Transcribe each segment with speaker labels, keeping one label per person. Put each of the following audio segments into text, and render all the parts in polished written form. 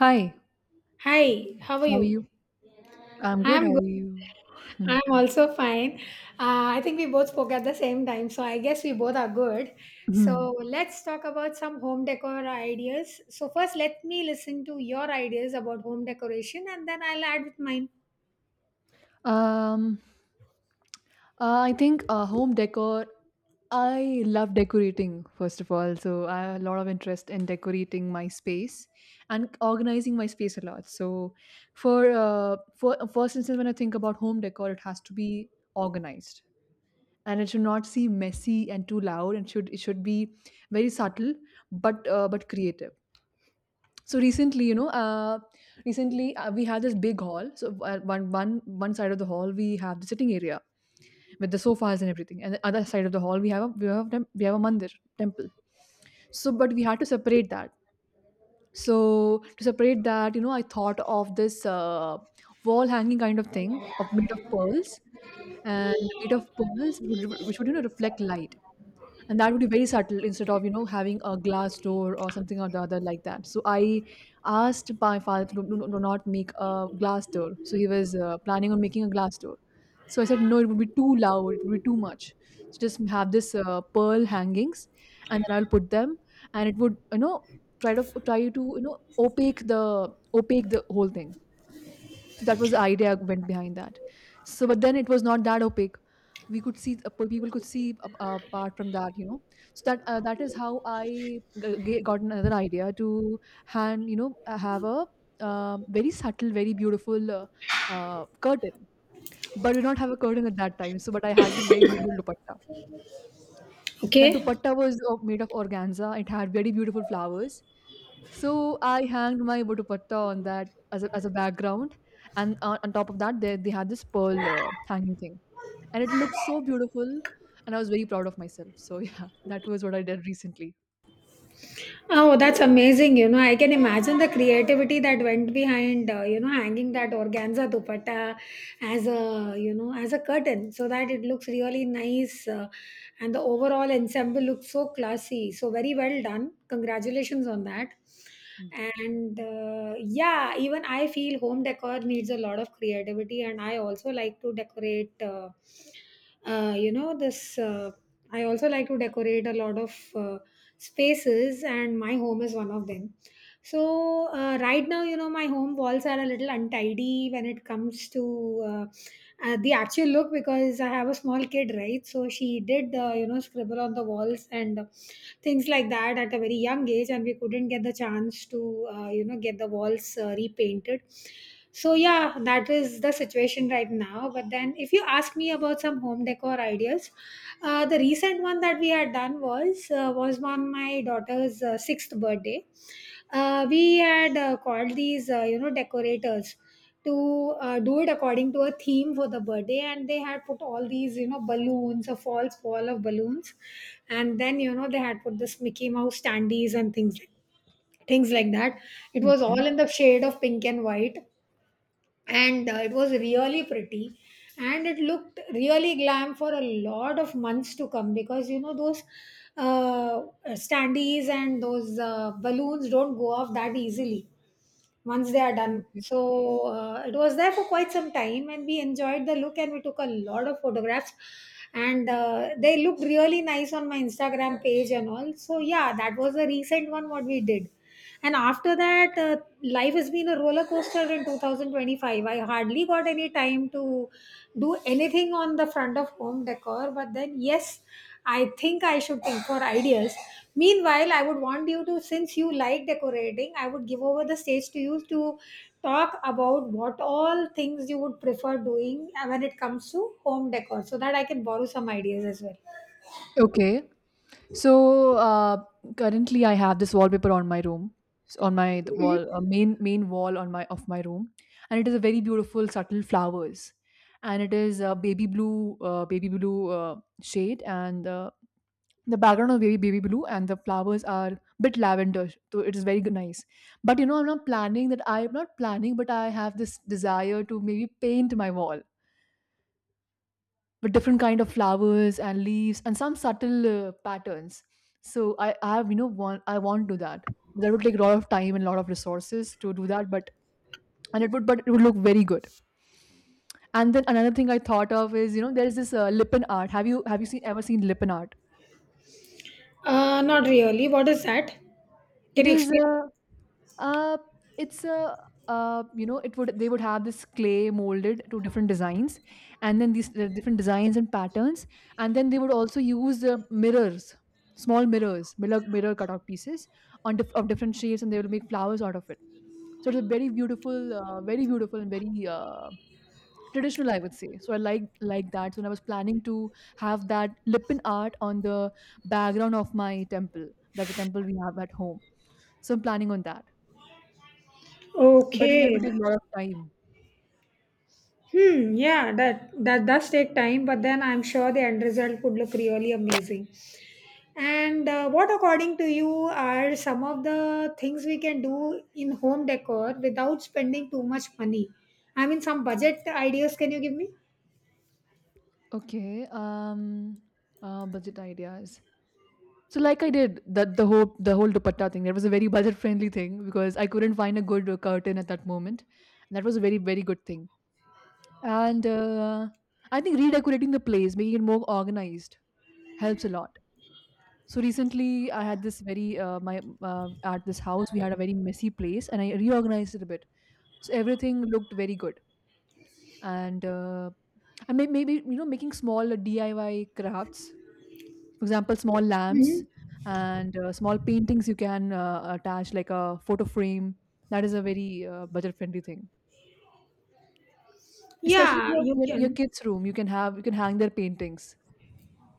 Speaker 1: Hi,
Speaker 2: Hi, how are
Speaker 1: how are
Speaker 2: you?
Speaker 1: you? I'm good.
Speaker 2: I'm
Speaker 1: How
Speaker 2: good.
Speaker 1: are you?
Speaker 2: I'm also fine. I think we both spoke at the same time, so I guess we both are good. So
Speaker 1: Mhm.
Speaker 2: let's talk about some home decor ideas. So first, let me listen to your ideas about home decoration, and then I'll add with mine.
Speaker 1: um, I think home decor. I love decorating, first of all. So I have a lot of interest in decorating my space and organizing my space a lot. So for first instance, when I think about home decor, it has to be organized, and it should not seem messy and too loud, and should it should be very subtle, but creative. So recently you know recently we had this big hall. So one side of the hall, we have the sitting area with the sofas and everything, and the other side of the hall, we have a mandir temple. So, but we had to separate that. So, to separate that, I thought of this wall hanging kind of thing of made of pearls, and made of pearls which would, reflect light, and that would be very subtle instead of having a glass door or something or the other like that. So I asked my father to not make a glass door. So he was planning on making a glass door. So I said no, it would be too loud, it would be too much. So just have this pearl hangings, and then I'll put them, and it would try to opaque the opaque the whole thing. So that was the idea went behind that. So, but then it was not that opaque. We could see People could see apart from that. So that is how I got another idea to have a very subtle, very beautiful curtain. But we do not have a curtain at that time. So, but I had this very beautiful dupatta. That
Speaker 2: Okay.
Speaker 1: dupatta was made of organza. It had very beautiful flowers. So I hanged my dupatta on that as a background, and on top of that, they had this pearl hanging thing, and it looked so beautiful, and I was very proud of myself. So yeah, that was what I did recently.
Speaker 2: Oh, that's amazing. You know, I can imagine the creativity that went behind, you know, hanging that organza dupatta as a, you know, as a curtain so that it looks really nice, and the overall ensemble looks so classy. So, very well done. Congratulations on that.
Speaker 1: Yeah.
Speaker 2: And yeah, even I feel home decor needs a lot of creativity, and I also like to decorate. You know this I also like to decorate a lot of spaces, and my home is one of them. So right now, you know, my home walls are a little untidy when it comes to uh, the actual look because I have a small kid, right? So she did, you know, scribble on the walls and things like that at a very young age, and we couldn't get the chance to, you know, get the walls repainted. So yeah, that is the situation right now. But then if you ask me about some home decor ideas, the recent one that we had done was on my daughter's sixth birthday. We had called these, you know, decorators to do it according to a theme for the birthday, and they had put all these, you know, balloons, a false wall of balloons, and then, you know, they had put this Mickey Mouse standees and things like that. It was
Speaker 1: Okay.
Speaker 2: all in the shade of pink and white, and it was really pretty, and it looked really glam for a lot of months to come because, you know, those uh, standees and those balloons don't go off that easily once they are done.
Speaker 1: Okay.
Speaker 2: So it was there for quite some time, and we enjoyed the look, and we took a lot of photographs, and they looked really nice on my Instagram page and all. So yeah, that was the recent one what we did. And after that, life has been a roller coaster in 2025. I hardly got any time to do anything on the front of home decor, but then yes. I think I should think for ideas. Meanwhile, I would want you to, since you like decorating, I would give over the stage to you to talk about what all things you would prefer doing when it comes to home decor so that I can borrow some ideas as well.
Speaker 1: Okay. So currently, I have this wallpaper on my room, on my the wall, main wall on my of my room, and it is a very beautiful, subtle flowers, and it is a baby blue shade, and the background of baby blue, and the flowers are bit lavender, so it is very good, nice. But you know, I'm not planning that. I'm not planning, but I have this desire to maybe paint my wall with different kind of flowers and leaves and some subtle patterns. So I have you know want I want to do that. That would take a lot of time and a lot of resources to do that, but it would look very good. And then another thing I thought of is, you know, there is this lippen art. Have you seen ever seen lippen art?
Speaker 2: Not really. What is that? Can
Speaker 1: It
Speaker 2: you
Speaker 1: is
Speaker 2: explain?
Speaker 1: a uh, it's a you know it would they would have this clay molded to different designs, and then the different designs and patterns, and then they would also use mirrors, small mirrors, mirror cutout pieces of different shapes, and they will make flowers out of it. So it's a very beautiful and very traditional, I would say. So I like that. So when I was planning to have that lippin art on the background of my temple, that temple we have at home, so I'm planning on that. But again, it
Speaker 2: Okay.
Speaker 1: will take a lot of time.
Speaker 2: Hmm. Yeah. That does take time, but then I'm sure the end result would look really amazing. And what, according to you, are some of the things we can do in home decor without spending too much money? I mean, some budget ideas can you give me?
Speaker 1: Okay. Budget ideas. So, like I did that, the whole dupatta thing, that was a very budget friendly thing because I couldn't find a good curtain at that moment, and that was a very very good thing. And I think redecorating the place, making it more organized, helps a lot. So recently, I had this very my at this house, we had a very messy place, and I reorganized it a bit. So everything looked very good, and maybe, making small DIY crafts, for example, small lamps,
Speaker 2: Hmm.
Speaker 1: and small paintings you can attach like a photo frame. That is a very budget friendly thing, especially in
Speaker 2: Yeah, you
Speaker 1: your
Speaker 2: can.
Speaker 1: kids' room. You can hang their paintings.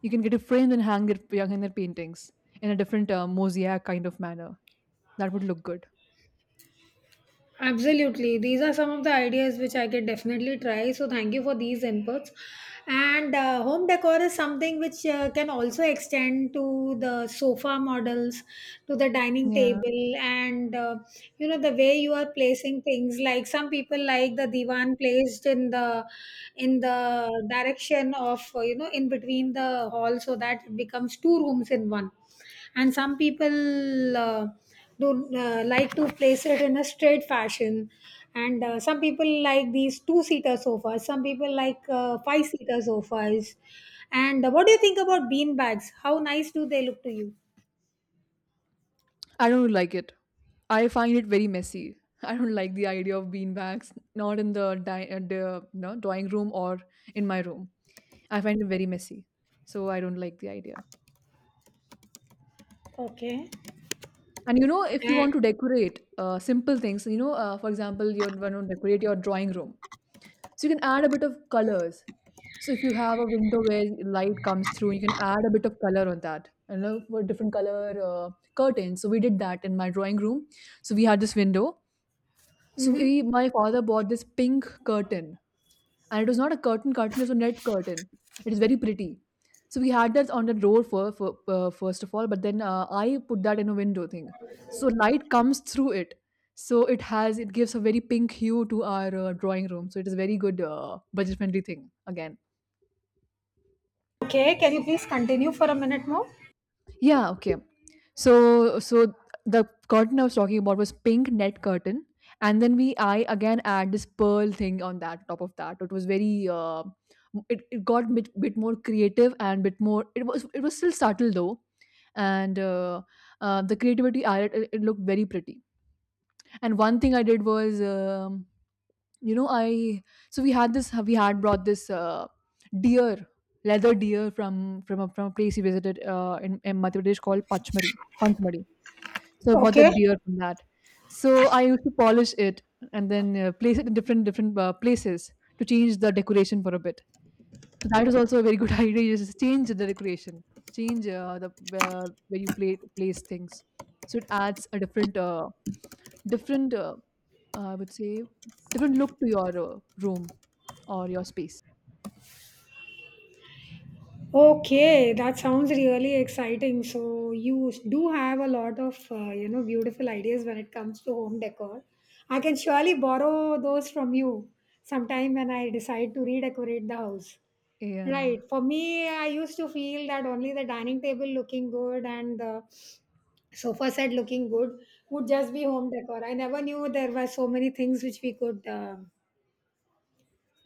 Speaker 1: You can get a frame and hang their paintings in a different mosaic kind of manner. That would look good.
Speaker 2: Absolutely. These are some of the ideas which I could definitely try. So, thank you for these inputs. And home decor is something which can also extend to the sofa models, to the dining
Speaker 1: Yeah.
Speaker 2: table, and, you know, the way you are placing things. Like some people like the divan placed in the direction of, you know, in between the hall, so that it becomes two rooms in one, and some people do like to place it in a straight fashion, and some people like these two seater sofas, some people like five seater sofas. And what do you think about bean bags? How nice do they look to you?
Speaker 1: I don't like it. I find it very messy. I don't like the idea of beanbags, not in the drawing room or in my room. I find it very messy. So I don't like the idea.
Speaker 2: Okay.
Speaker 1: And, if you
Speaker 2: And,
Speaker 1: want to decorate simple things, for example, you want to decorate your drawing room. So you can add a bit of colors. So if you have a window where light comes through, you can add a bit of color on that. For different color curtains. So we did that in my drawing room. So we had this window. So
Speaker 2: hmm,
Speaker 1: my father bought this pink curtain, and it was not a curtain curtain; it was a net curtain. It is very pretty. So we had that on the door for first of all, but then I put that in a window thing, so light comes through it. So it has it gives a very pink hue to our drawing room. So it is very good budget friendly thing again.
Speaker 2: okay, can you please continue for a minute more?
Speaker 1: Yeah, okay. So the curtain I was talking about was pink net curtain, and then we I again add this pearl thing on that top of that. It was very it got bit more creative and bit more. It was still subtle though, and the creativity added. It looked very pretty. And one thing I did was, you know I so we had brought this deer, leather deer, from from a place we visited in Madhya Pradesh called Pachmari. Panchmari. So I bought
Speaker 2: Okay.
Speaker 1: that deer from that. So I used to polish it, and then place it in different places to change the decoration for a bit. So that was also a very good idea. You just change the decoration, change the where you place things. So it adds a different, different uh, I would say, different look to your room or your space.
Speaker 2: Okay, that sounds really exciting. So you do have a lot of, you know, beautiful ideas when it comes to home decor. I can surely borrow those from you sometime when I decide to redecorate the house.
Speaker 1: Yeah,
Speaker 2: Right. For me, I used to feel that only the dining table looking good and the sofa set looking good would just be home decor. I never knew there were so many things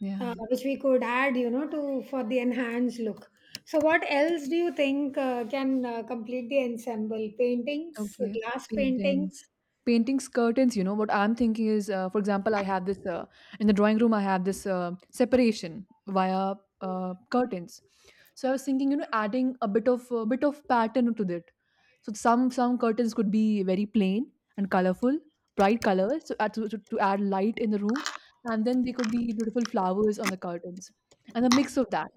Speaker 1: yeah.
Speaker 2: which we could add, you know, to for the enhanced look. So what else do you think can complete the ensemble? Paintings,
Speaker 1: Okay,
Speaker 2: glass
Speaker 1: paintings.
Speaker 2: paintings?
Speaker 1: Paintings, curtains, what I'm thinking is, for example, I have this, in the drawing room, I have this separation via curtains. So I was thinking, adding a bit of pattern to that. So some curtains could be very plain and colorful, bright colors, so add to add light in the room, and then they could be beautiful flowers on the curtains, and a mix of that,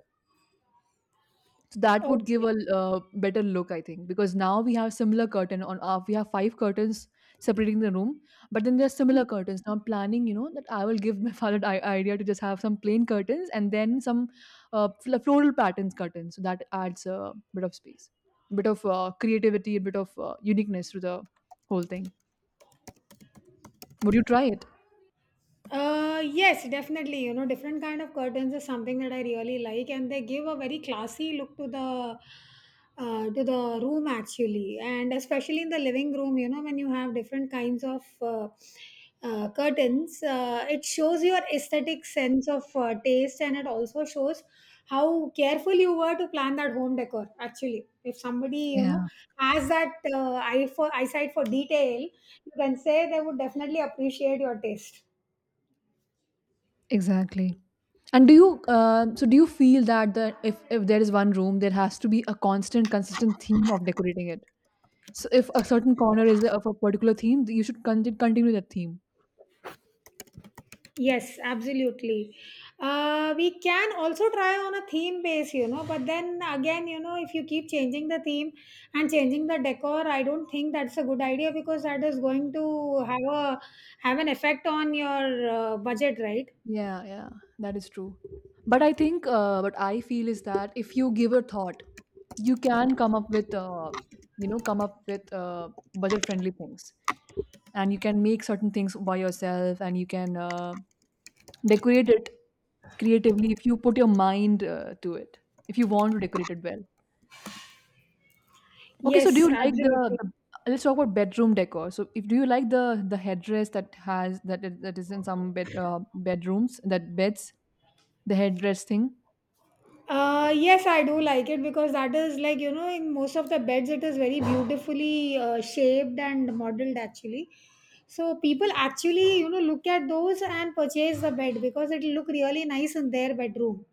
Speaker 1: that would give
Speaker 2: Okay.
Speaker 1: a better look, I think, because now, we have five curtains separating the room, but then there's
Speaker 2: Hmm.
Speaker 1: similar curtains. Now I'm planning, that I will give my father the idea to just have some plain curtains, and then some floral patterns curtains, so that adds a bit of space, bit of creativity, a bit of uniqueness to the whole thing. Would you try it?
Speaker 2: Yes, definitely. You know, different kind of curtains is something that I really like, and they give a very classy look to the, to the room actually, and especially in the living room. You know, when you have different kinds of curtains, it shows your aesthetic sense of taste, and it also shows how careful you were to plan that home decor. Actually, if somebody, you know,
Speaker 1: Yeah,
Speaker 2: has that eye for eyesight for detail, you can say they would definitely appreciate your taste.
Speaker 1: exactly. And do you so do you feel that the if there is one room, there has to be a constant consistent theme of decorating it? So if a certain corner is of a particular theme, you should continue that theme.
Speaker 2: Yes, absolutely. We can also try on a theme base, you know, but then again, you know, if you keep changing the theme and changing the decor, I don't think that's a good idea because that is going to have an effect on your budget, right?
Speaker 1: Yeah, yeah, that is true. But I think what I feel is that if you give a thought, you can come up with budget friendly things, and you can make certain things by yourself, and you can decorate it creatively if you put your mind to it. If you want to decorate it well. Okay, so do
Speaker 2: Yes,
Speaker 1: you like
Speaker 2: absolutely.
Speaker 1: the let's talk about bedroom decor. So, if do you like the headrest that has that that is in some bedrooms that beds, the headrest thing?
Speaker 2: Yes, I do like it because that is like, you know, in most of the beds, it is very beautifully shaped and modeled actually. So people actually, you know, look at those and purchase the bed because it will look really nice in their bedroom.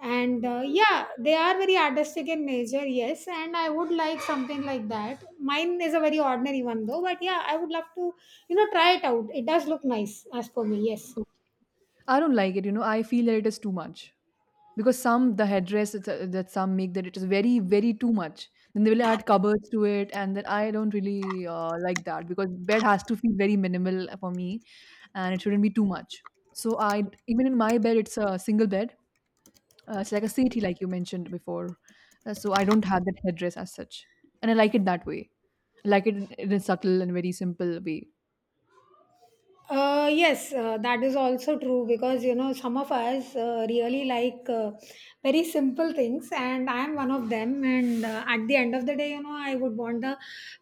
Speaker 2: And yeah, they are very artistic in nature, yes. And I would like something like that. Mine is a very ordinary one though, but yeah, I would love to, you know, try it out. It does look nice as for me, yes.
Speaker 1: I don't like it. You know, I feel that it is too much because some the headrest that some make that it is very too much. Then they will add cupboards to it, and then I don't really like that because bed has to feel very minimal for me, and it shouldn't be too much. So I Even in my bed, it's a single bed. It's like a city, like you mentioned before. So I don't have that headdress as such, and I like it that way. I like it in a subtle and very simple way.
Speaker 2: Yes, that is also true because, you know, some of us really like very simple things, and I am one of them. And at the end of the day, you know, I would want the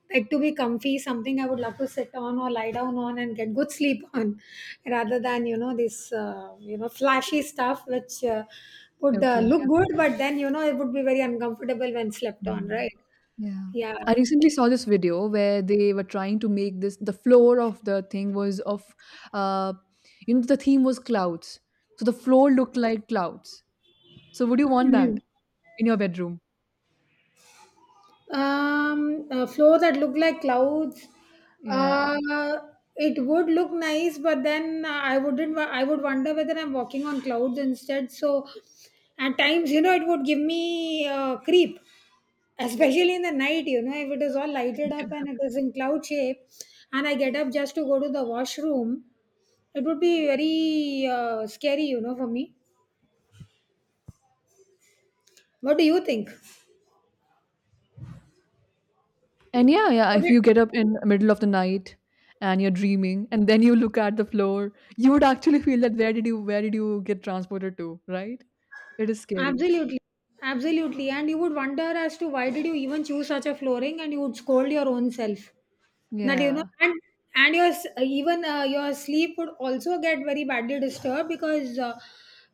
Speaker 2: bed to be comfy, something I would love to sit on or lie down on and get good sleep on, rather than, you know, this, you know, flashy stuff which would
Speaker 1: Okay. Yeah.
Speaker 2: look good, but then, you know, it would be very uncomfortable when slept on,
Speaker 1: Mm.
Speaker 2: right?
Speaker 1: Yeah.
Speaker 2: Yeah.
Speaker 1: I recently saw this video where they were trying to make this. The floor of the thing was of, uh, the theme was clouds. So the floor looked like clouds. So would you want that in your bedroom?
Speaker 2: Floor that look like clouds. Uh,
Speaker 1: Yeah.
Speaker 2: it would look nice, but then, I wouldn't. I would wonder whether I'm walking on clouds instead. So, at times, you know, it would give me creep, especially in the night. You know, if it is all lighted up and it is in cloud shape, and I get up just to go to the washroom, it would be very scary. You know, for me. What do you think?
Speaker 1: And yeah, yeah,
Speaker 2: Would
Speaker 1: if
Speaker 2: it?
Speaker 1: you get up in the middle of the night and you're dreaming and then you look at the floor, you would actually feel that where did you get transported to, right? It is scary.
Speaker 2: Absolutely, absolutely. And you would wonder as to why did you even choose such a flooring, and you would scold your own self. That, you know,
Speaker 1: Yeah.
Speaker 2: and even your sleep would also get very badly disturbed because, uh,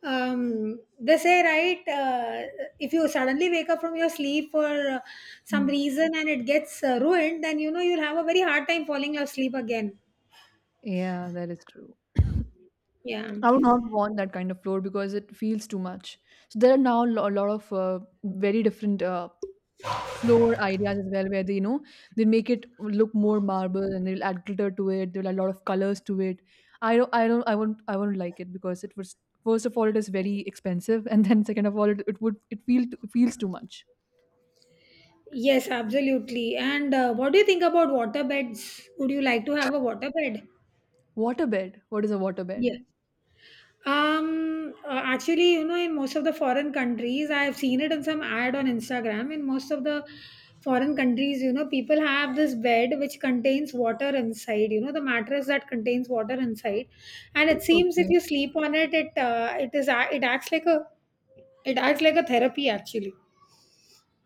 Speaker 2: um, they say, right, if you suddenly wake up from your sleep for some
Speaker 1: Mm.
Speaker 2: reason and it gets ruined, then, you know, you'll have a very hard time falling asleep again.
Speaker 1: Yeah, that is true.
Speaker 2: Yeah.
Speaker 1: I would not want that kind of floor because it feels too much. So there are now a lot of very different floor ideas as well, where they they make it look more marble, and they'll add glitter to it, they'll add a lot of colors to it. I won't like it because it was, first of all, it is very expensive, and then, second of all, it would it feel it feels too much.
Speaker 2: Yes, absolutely. And what do you think about water beds? Would you like to have a water bed?
Speaker 1: Waterbed? What is a waterbed?
Speaker 2: Yes. Actually, you know, in most of the foreign countries, I have seen it in some ad on Instagram. In most of the foreign countries, you know, people have this bed which contains water inside, you know, the mattress that contains water inside. And it seems if
Speaker 1: Okay.
Speaker 2: you sleep on it, it it is a- it acts like a it acts like a therapy actually.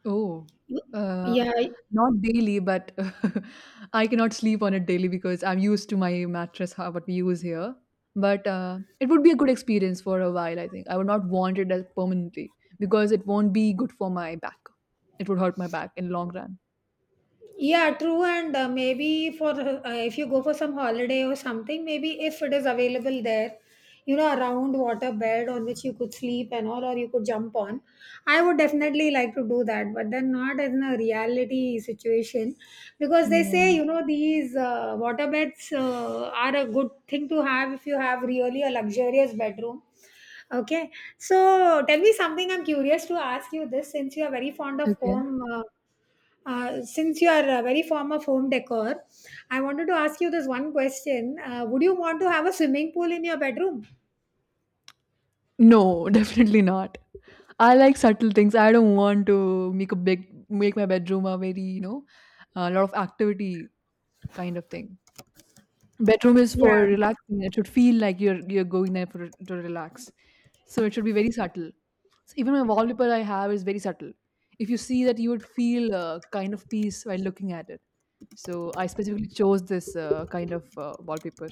Speaker 1: Oh, uh,
Speaker 2: Yeah,
Speaker 1: not daily, but I cannot sleep on it daily because I'm used to my mattress, how what we use here. But it would be a good experience for a while, I think. I would not want it as permanently because it won't be good for my back. It would hurt my back in long run.
Speaker 2: yeah, true. And maybe for, if you go for some holiday or something, maybe if it is available there, you know, a round water bed on which you could sleep and all, or you could jump on. I would definitely like to do that, but then not in a reality situation because they
Speaker 1: Yeah.
Speaker 2: say, you know, these water beds are a good thing to have if you have really a luxurious bedroom. Okay, so tell me something. I'm curious to ask you this since you are very fond of
Speaker 1: Okay.
Speaker 2: home. Since you are very fond of home decor, I wanted to ask you this one question. Would you want to have a swimming pool in your bedroom?
Speaker 1: No, definitely not. I like subtle things. I don't want to make my bedroom a very, you know, a lot of activity kind of thing. Bedroom is for
Speaker 2: Yeah.
Speaker 1: relaxing. It should feel like you're going there for to relax, so it should be very subtle. So even my wallpaper I have is very subtle. If you see that, you would feel a kind of peace while looking at it. So I specifically chose this kind of wallpaper.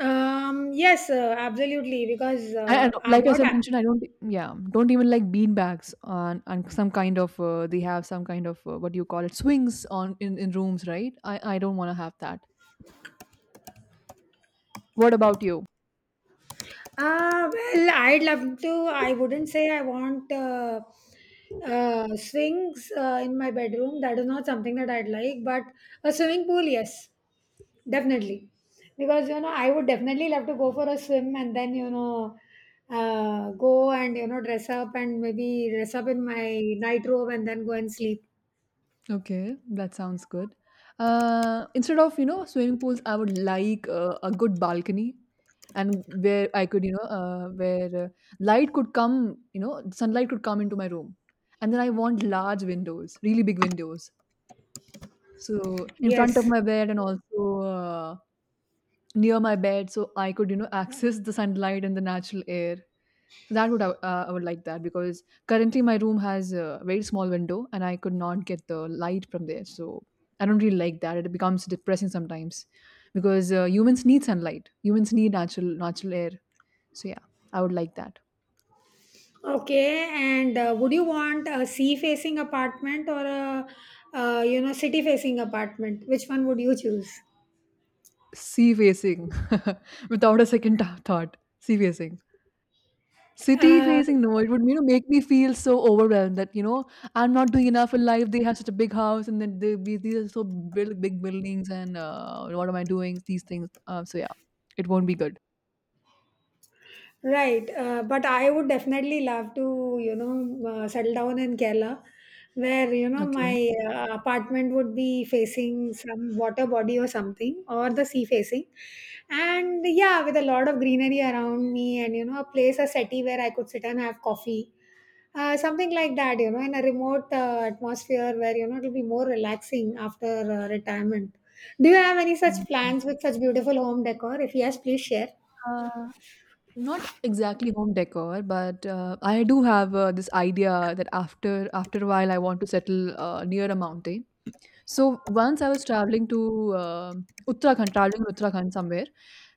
Speaker 2: Yes, absolutely. Because
Speaker 1: I don't- Like as I
Speaker 2: what I-
Speaker 1: mentioned, I don't even like bean bags on some kind of they have some kind of what do you call it, swings on, in rooms, right? I don't want to have that. What about you?
Speaker 2: Ah, well, I'd love to. I wouldn't say I want swings in my bedroom. That is not something that I'd like, but a swimming pool, yes, definitely. Because, you know, I would definitely love to go for a swim and then, go and dress up and maybe dress up in my night robe and then go and sleep.
Speaker 1: Okay, that sounds good. Instead of, you know, swimming pools, I would like a good balcony, and where I could, you know, where light could come, you know, sunlight could come into my room. And then I want large windows, really big windows. So in front of
Speaker 2: Yes.
Speaker 1: my bed and also near my bed, so I could, you know, access the sunlight and the natural air. So that would I would- I would like that because currently my room has a very small window and I could not get the light from there. So I don't really like that. It becomes depressing sometimes because humans need sunlight. Humans need natural air. So yeah, I would like that.
Speaker 2: Okay, and would you want a sea facing apartment or a you know city facing apartment? Which one would you choose?
Speaker 1: Sea facing, without a second thought. Sea facing. City
Speaker 2: Uh,
Speaker 1: facing, no, it would, you know, make me feel so overwhelmed that, you know, I'm not doing enough in life. They have such a big house, and then they be these are so big, big buildings, and what am I doing? These things. So yeah, it won't be good.
Speaker 2: Right, but I would definitely love to, settle down in Kerala, where you know
Speaker 1: Okay.
Speaker 2: my apartment would be facing some water body or something, or the sea facing, and yeah, with a lot of greenery around me, and you know, a settee where I could sit and have coffee, something like that, you know, in a remote atmosphere where you know it'll be more relaxing after retirement. Do you have any such
Speaker 1: Mhm.
Speaker 2: plans with such beautiful home decor? If yes, please share.
Speaker 1: Uh, not exactly home decor, but I do have this idea that after a while I want to settle near a mountain. So once I was traveling to Uttarakhand, traveling to Uttarakhand somewhere.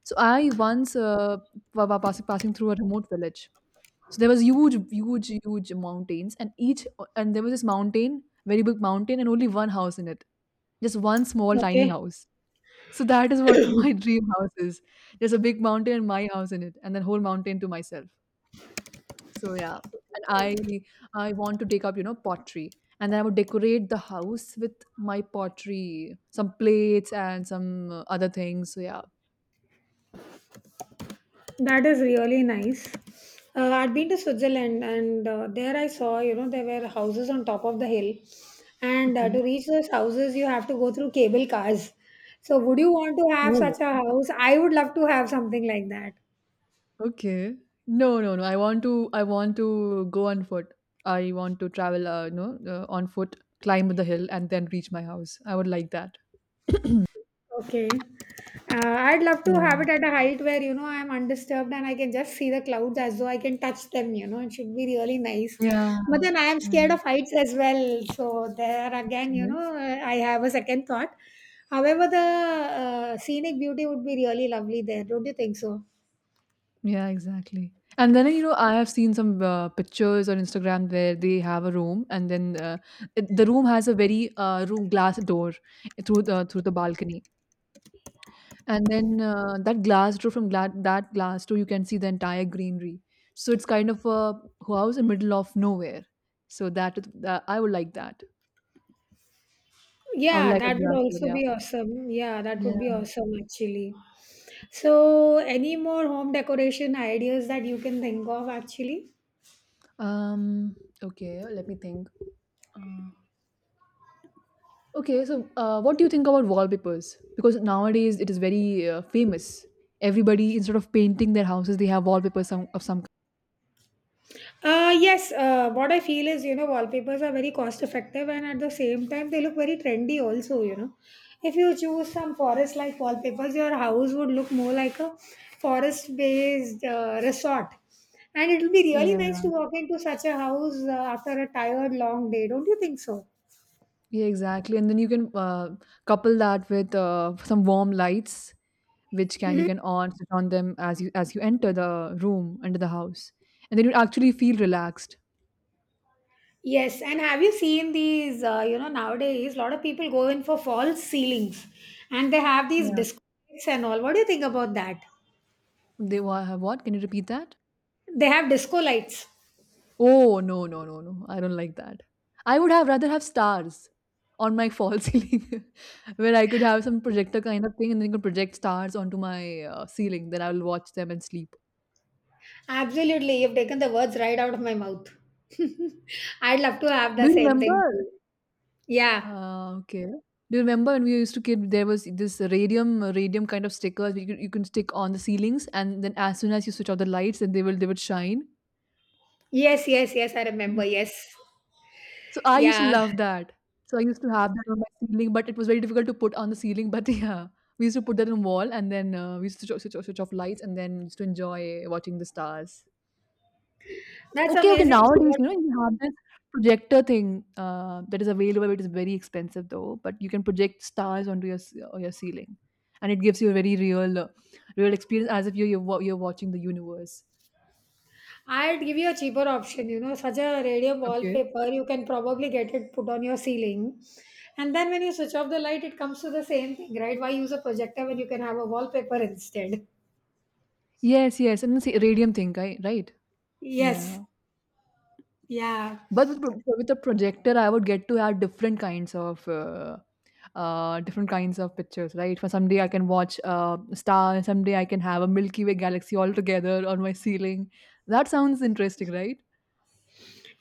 Speaker 1: So I once passing passing through a remote village. So there was huge, huge, huge mountains, and each and there was this mountain, very big mountain, and only one house in it, just one small tiny
Speaker 2: Okay.
Speaker 1: house. So that is what my dream house is. There's a big mountain and my house in it, and then whole mountain to myself. So yeah, and I want to take up, you know, pottery. And then I would decorate the house with my pottery, some plates and some other things. So yeah.
Speaker 2: That is really nice. I'd been to Switzerland and there I saw, you know, there were houses on top of the hill. And
Speaker 1: Okay.
Speaker 2: to reach those houses, you have to go through cable cars. So, would you want to have such
Speaker 1: Oh,
Speaker 2: a house? I would love to have something like that.
Speaker 1: okay. No, no, no. I want to go on foot. I want to travel, you know, on foot, climb the hill and then reach my house. I would like that.
Speaker 2: Okay. Uh, I'd love to
Speaker 1: Yeah.
Speaker 2: have it at a height where, you know, I'm undisturbed and I can just see the clouds as though I can touch them, you know, it should be really nice.
Speaker 1: Yeah.
Speaker 2: But then I am
Speaker 1: Yeah.
Speaker 2: scared of heights as well. So there again, you
Speaker 1: Okay.
Speaker 2: know, I have a second thought. However, the scenic beauty would be really lovely there, don't you think so?
Speaker 1: Yeah, exactly. And then, you know, I have seen some pictures on Instagram where they have a room, and then the room has a very room glass door through the balcony, and then that glass door from that glass door you can see the entire greenery. So it's kind of a house in middle of nowhere. I would like that. I would
Speaker 2: Yeah,
Speaker 1: like a
Speaker 2: that would
Speaker 1: glass door.
Speaker 2: also
Speaker 1: Yeah.
Speaker 2: be awesome. Yeah, that would
Speaker 1: Yeah.
Speaker 2: be awesome actually. So, any more home decoration ideas that you can think of actually?
Speaker 1: Um. Okay. Let me think. Uh, Okay, so what do you think about wallpapers? Because nowadays it is very famous. Everybody, instead of painting their houses, they have wallpapers some, of some kind.
Speaker 2: Yes, what I feel is, you know, wallpapers are very cost effective and at the same time they look very trendy also, you know. If you choose some forest like wallpapers, your house would look more like a forest based resort. And it'll be really
Speaker 1: Yeah,
Speaker 2: nice to walk into such a house after a tired long day, don't you think so?
Speaker 1: yeah, exactly. And then you can couple that with some warm lights, which can you can on switch on them as you enter the room under the house, and then you actually feel relaxed.
Speaker 2: Yes, and have you seen these? You know, nowadays a lot of people go in for false ceilings and they have these
Speaker 1: Yeah.
Speaker 2: disco lights and all. What do you think about that?
Speaker 1: Have what? Can you repeat that?
Speaker 2: They have disco lights.
Speaker 1: Oh, no, no, no, no. I don't like that. I would have rather have stars on my fall ceiling, where I could have some projector kind of thing and then could project stars onto my ceiling. Then I will watch them and sleep.
Speaker 2: Absolutely, you've taken the words right out of my mouth. I'd love to have the
Speaker 1: Do you
Speaker 2: same thing
Speaker 1: remember?
Speaker 2: too. Yeah.
Speaker 1: Okay. Do you remember when we used to kid? There was this radium kind of stickers you can stick on the ceilings, and then as soon as you switch off the lights, then they would shine.
Speaker 2: Yes, yes, yes, I remember. Yes.
Speaker 1: So I used to
Speaker 2: Yeah.
Speaker 1: love that. So I used to have that on my ceiling, but it was very difficult to put on the ceiling. But yeah, we used to put that on wall, and then we used to switch off lights, and then used to enjoy watching the stars.
Speaker 2: That's
Speaker 1: Okay, okay.
Speaker 2: amazing. So
Speaker 1: Nowadays,
Speaker 2: what
Speaker 1: you know, you have this projector thing that is available. It is very expensive though, but you can project stars on your ceiling, and it gives you a very real, real experience as if you're watching the universe.
Speaker 2: I'd give you a cheaper option, you know, such a radio
Speaker 1: Okay.
Speaker 2: wallpaper, you can probably get it put on your ceiling. And then when you switch off the light, it comes to the same thing, right? Why use a projector when you can have a wallpaper instead?
Speaker 1: Yes, yes, and it's a radium thing, right? Right.
Speaker 2: Yes.
Speaker 1: Yeah.
Speaker 2: Yeah.
Speaker 1: But with a projector, I would get to have different kinds of pictures, right? For someday I can watch a star, and someday I can have a Milky Way galaxy all together on my ceiling. That sounds interesting, right?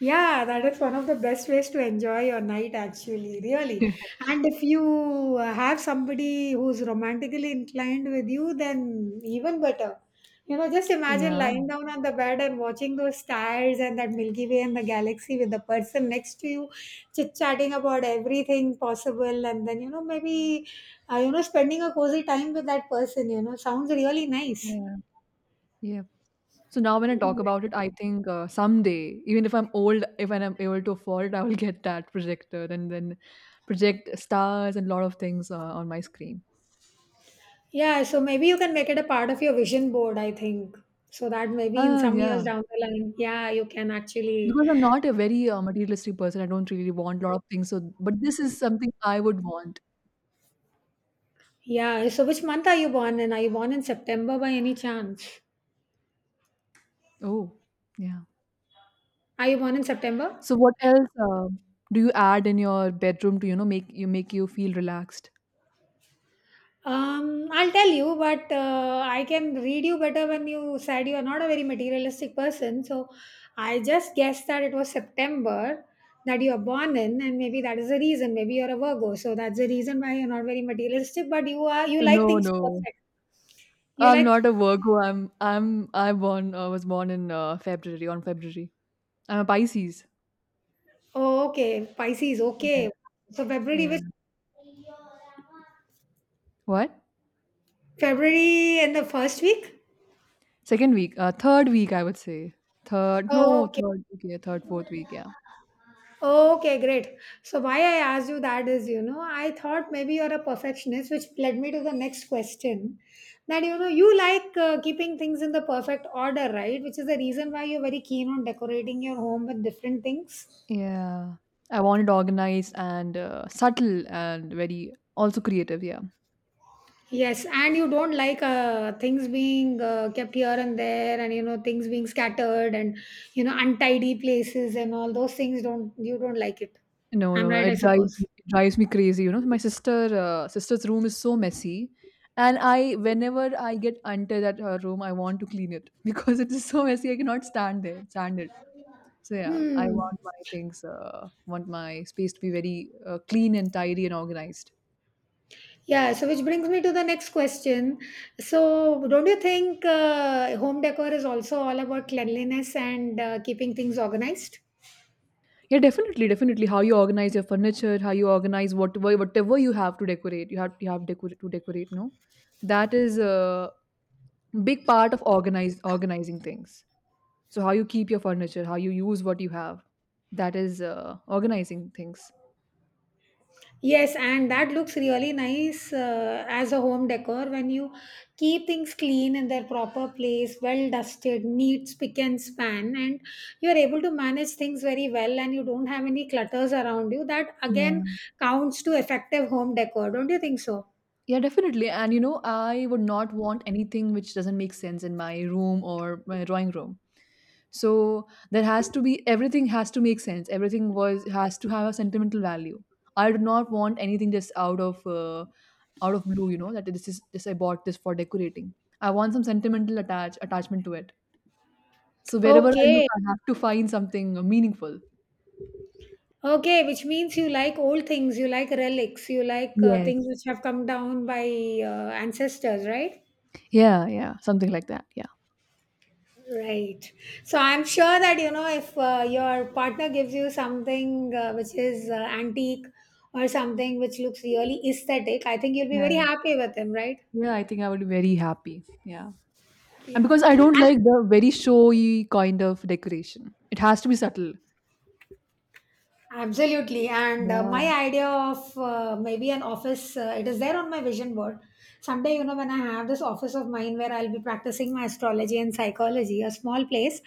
Speaker 2: Yeah, that is one of the best ways to enjoy your night, actually, really. And if you have somebody who's romantically inclined with you, then even better. You know, just imagine
Speaker 1: Yeah,
Speaker 2: lying down on the bed and watching those stars and that Milky Way and the galaxy with the person next to you, chit chatting about everything possible, and then, you know, maybe, spending a cozy time with that person, you know, sounds really nice.
Speaker 1: yeah, yeah. So now when I talk about it, I think someday, even if I'm old, if I'm able to afford it, I will get that projector and then project stars and lot of things on my screen.
Speaker 2: Yeah, so maybe you can make it a part of your vision board, I think. So that maybe in
Speaker 1: Ah,
Speaker 2: some years
Speaker 1: yeah.
Speaker 2: down the line, yeah, you can actually.
Speaker 1: Because I'm not a very, materialistic person, I don't really want a lot of things, so but this is something I would want.
Speaker 2: Yeah, so which month are you born in? Are you born in September by any chance?
Speaker 1: Oh, yeah.
Speaker 2: Are you born in September?
Speaker 1: So what else, do you add in your bedroom to, you know, make you feel relaxed?
Speaker 2: I'll tell you, but I can read you better when you said you are not a very materialistic person. So I just guessed that it was September that you are born in, and maybe that is the reason. Maybe you're a Virgo, so that's the reason why you're not very materialistic. But you like
Speaker 1: No,
Speaker 2: things
Speaker 1: no.
Speaker 2: perfect. You
Speaker 1: I'm
Speaker 2: like
Speaker 1: not a Virgo. I was born in, February, on February. I'm a Pisces.
Speaker 2: Oh, okay, Pisces,
Speaker 1: Yeah,
Speaker 2: okay. So February
Speaker 1: yeah.
Speaker 2: which
Speaker 1: What?
Speaker 2: February in the first week?
Speaker 1: Second week, third week, I would say. Third, no,
Speaker 2: Okay.
Speaker 1: third week, yeah, third, fourth week, yeah.
Speaker 2: Okay, great. So why I asked you that is, you know, I thought maybe you're a perfectionist, which led me to the next question. That you know, you like keeping things in the perfect order, right? Which is the reason why you're very keen on decorating your home with different things.
Speaker 1: Yeah. I want it organized and subtle and very also creative, yeah.
Speaker 2: Yes, and you don't like things being kept here and there, and you know things being scattered, and you know untidy places and all those things. Don't you don't like it?
Speaker 1: No,
Speaker 2: I'm
Speaker 1: no,
Speaker 2: right, I
Speaker 1: it drives
Speaker 2: suppose.
Speaker 1: me it drives me crazy, you know? My sister, sister's room is so messy, and I whenever I get into that her room, I want to clean it because it is so messy. I cannot stand there, stand it. So yeah, I
Speaker 2: Hmm.
Speaker 1: want my things, want my space to be very clean and tidy and organized.
Speaker 2: Yeah. So, which brings me to the next question. So, don't you think home decor is also all about cleanliness and keeping things organized?
Speaker 1: Yeah, definitely, definitely. How you organize your furniture, how you organize whatever you have to decorate, you have to decorate. No, that is a big part of organize organizing things. So how you keep your furniture, how you use what you have, that is organizing things.
Speaker 2: Yes, and that looks really nice as a home decor when you keep things clean in their proper place, well dusted, neat, spick and span, and you're able to manage things very well and you don't have any clutters around you. That again
Speaker 1: Yeah.
Speaker 2: counts to effective home decor, don't you think so?
Speaker 1: Yeah, definitely. And you know, I would not want anything which doesn't make sense in my room or my drawing room. So there has to be everything has to make sense. Everything was has to have a sentimental value. I do not want anything just out of blue. You know that this I bought this for decorating. I want some sentimental attachment to it. So wherever I look,
Speaker 2: Okay.
Speaker 1: I have to find something meaningful.
Speaker 2: Okay, which means you like old things, you like relics, you like
Speaker 1: Yes.
Speaker 2: things which have come down by ancestors, right?
Speaker 1: Yeah, yeah, something like that. Yeah.
Speaker 2: Right. So I'm sure that you know if your partner gives you something which is antique or something which looks really aesthetic, I think you'll be very
Speaker 1: Yeah.
Speaker 2: happy with him, right?
Speaker 1: Yeah, I think I would be very happy. Yeah. And
Speaker 2: Yeah.
Speaker 1: because I don't
Speaker 2: And
Speaker 1: like the very showy kind of decoration. It has to be subtle.
Speaker 2: Absolutely. And uh,
Speaker 1: Yeah.
Speaker 2: my idea of uh, maybe an office, it is there on my vision board. Someday, you know, when I have this office of mine where I'll be practicing my astrology and psychology, a small place,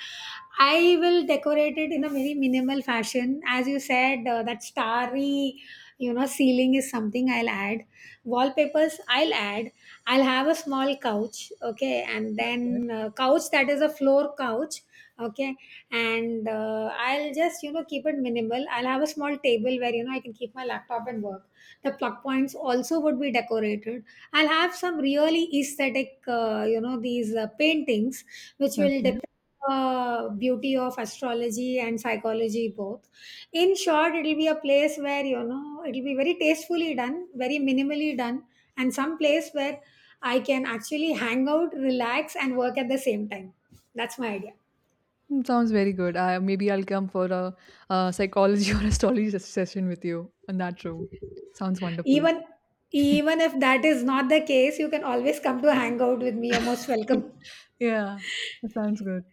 Speaker 2: I will decorate it in a very minimal fashion. As you said, that starry, you know, ceiling is something I'll add. Wallpapers, I'll add. I'll have a small couch, okay, and then couch that is a floor couch, okay and I'll just you know keep it minimal. I'll have a small table where you know I can keep my laptop and work. The plug points also would be decorated. I'll have some really aesthetic, you know, these paintings which will
Speaker 1: Okay.
Speaker 2: depict beauty of astrology and psychology both. In short, it'll be a place where you know it'll be very tastefully done, very minimally done, and some place where I can actually hang out, relax and work at the same time. That's my idea.
Speaker 1: Mm, sounds very good. I, maybe I'll come for a, uh, psychology or astrology session with you in that room. Sounds wonderful.
Speaker 2: Even even if that is not the case, you can always come to hang out with me. You're most welcome.
Speaker 1: Yeah, that sounds good.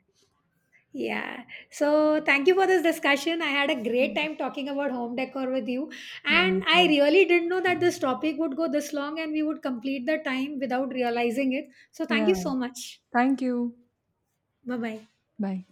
Speaker 2: Yeah. So thank you for this discussion. I had a great
Speaker 1: Yeah,
Speaker 2: time talking about home decor with you.
Speaker 1: yeah,
Speaker 2: And
Speaker 1: me
Speaker 2: I
Speaker 1: too.
Speaker 2: really didn't know that this topic would go this long and we would complete the time without realizing it. So thank
Speaker 1: Yeah.
Speaker 2: you so much.
Speaker 1: Thank you.
Speaker 2: Bye bye.
Speaker 1: Bye.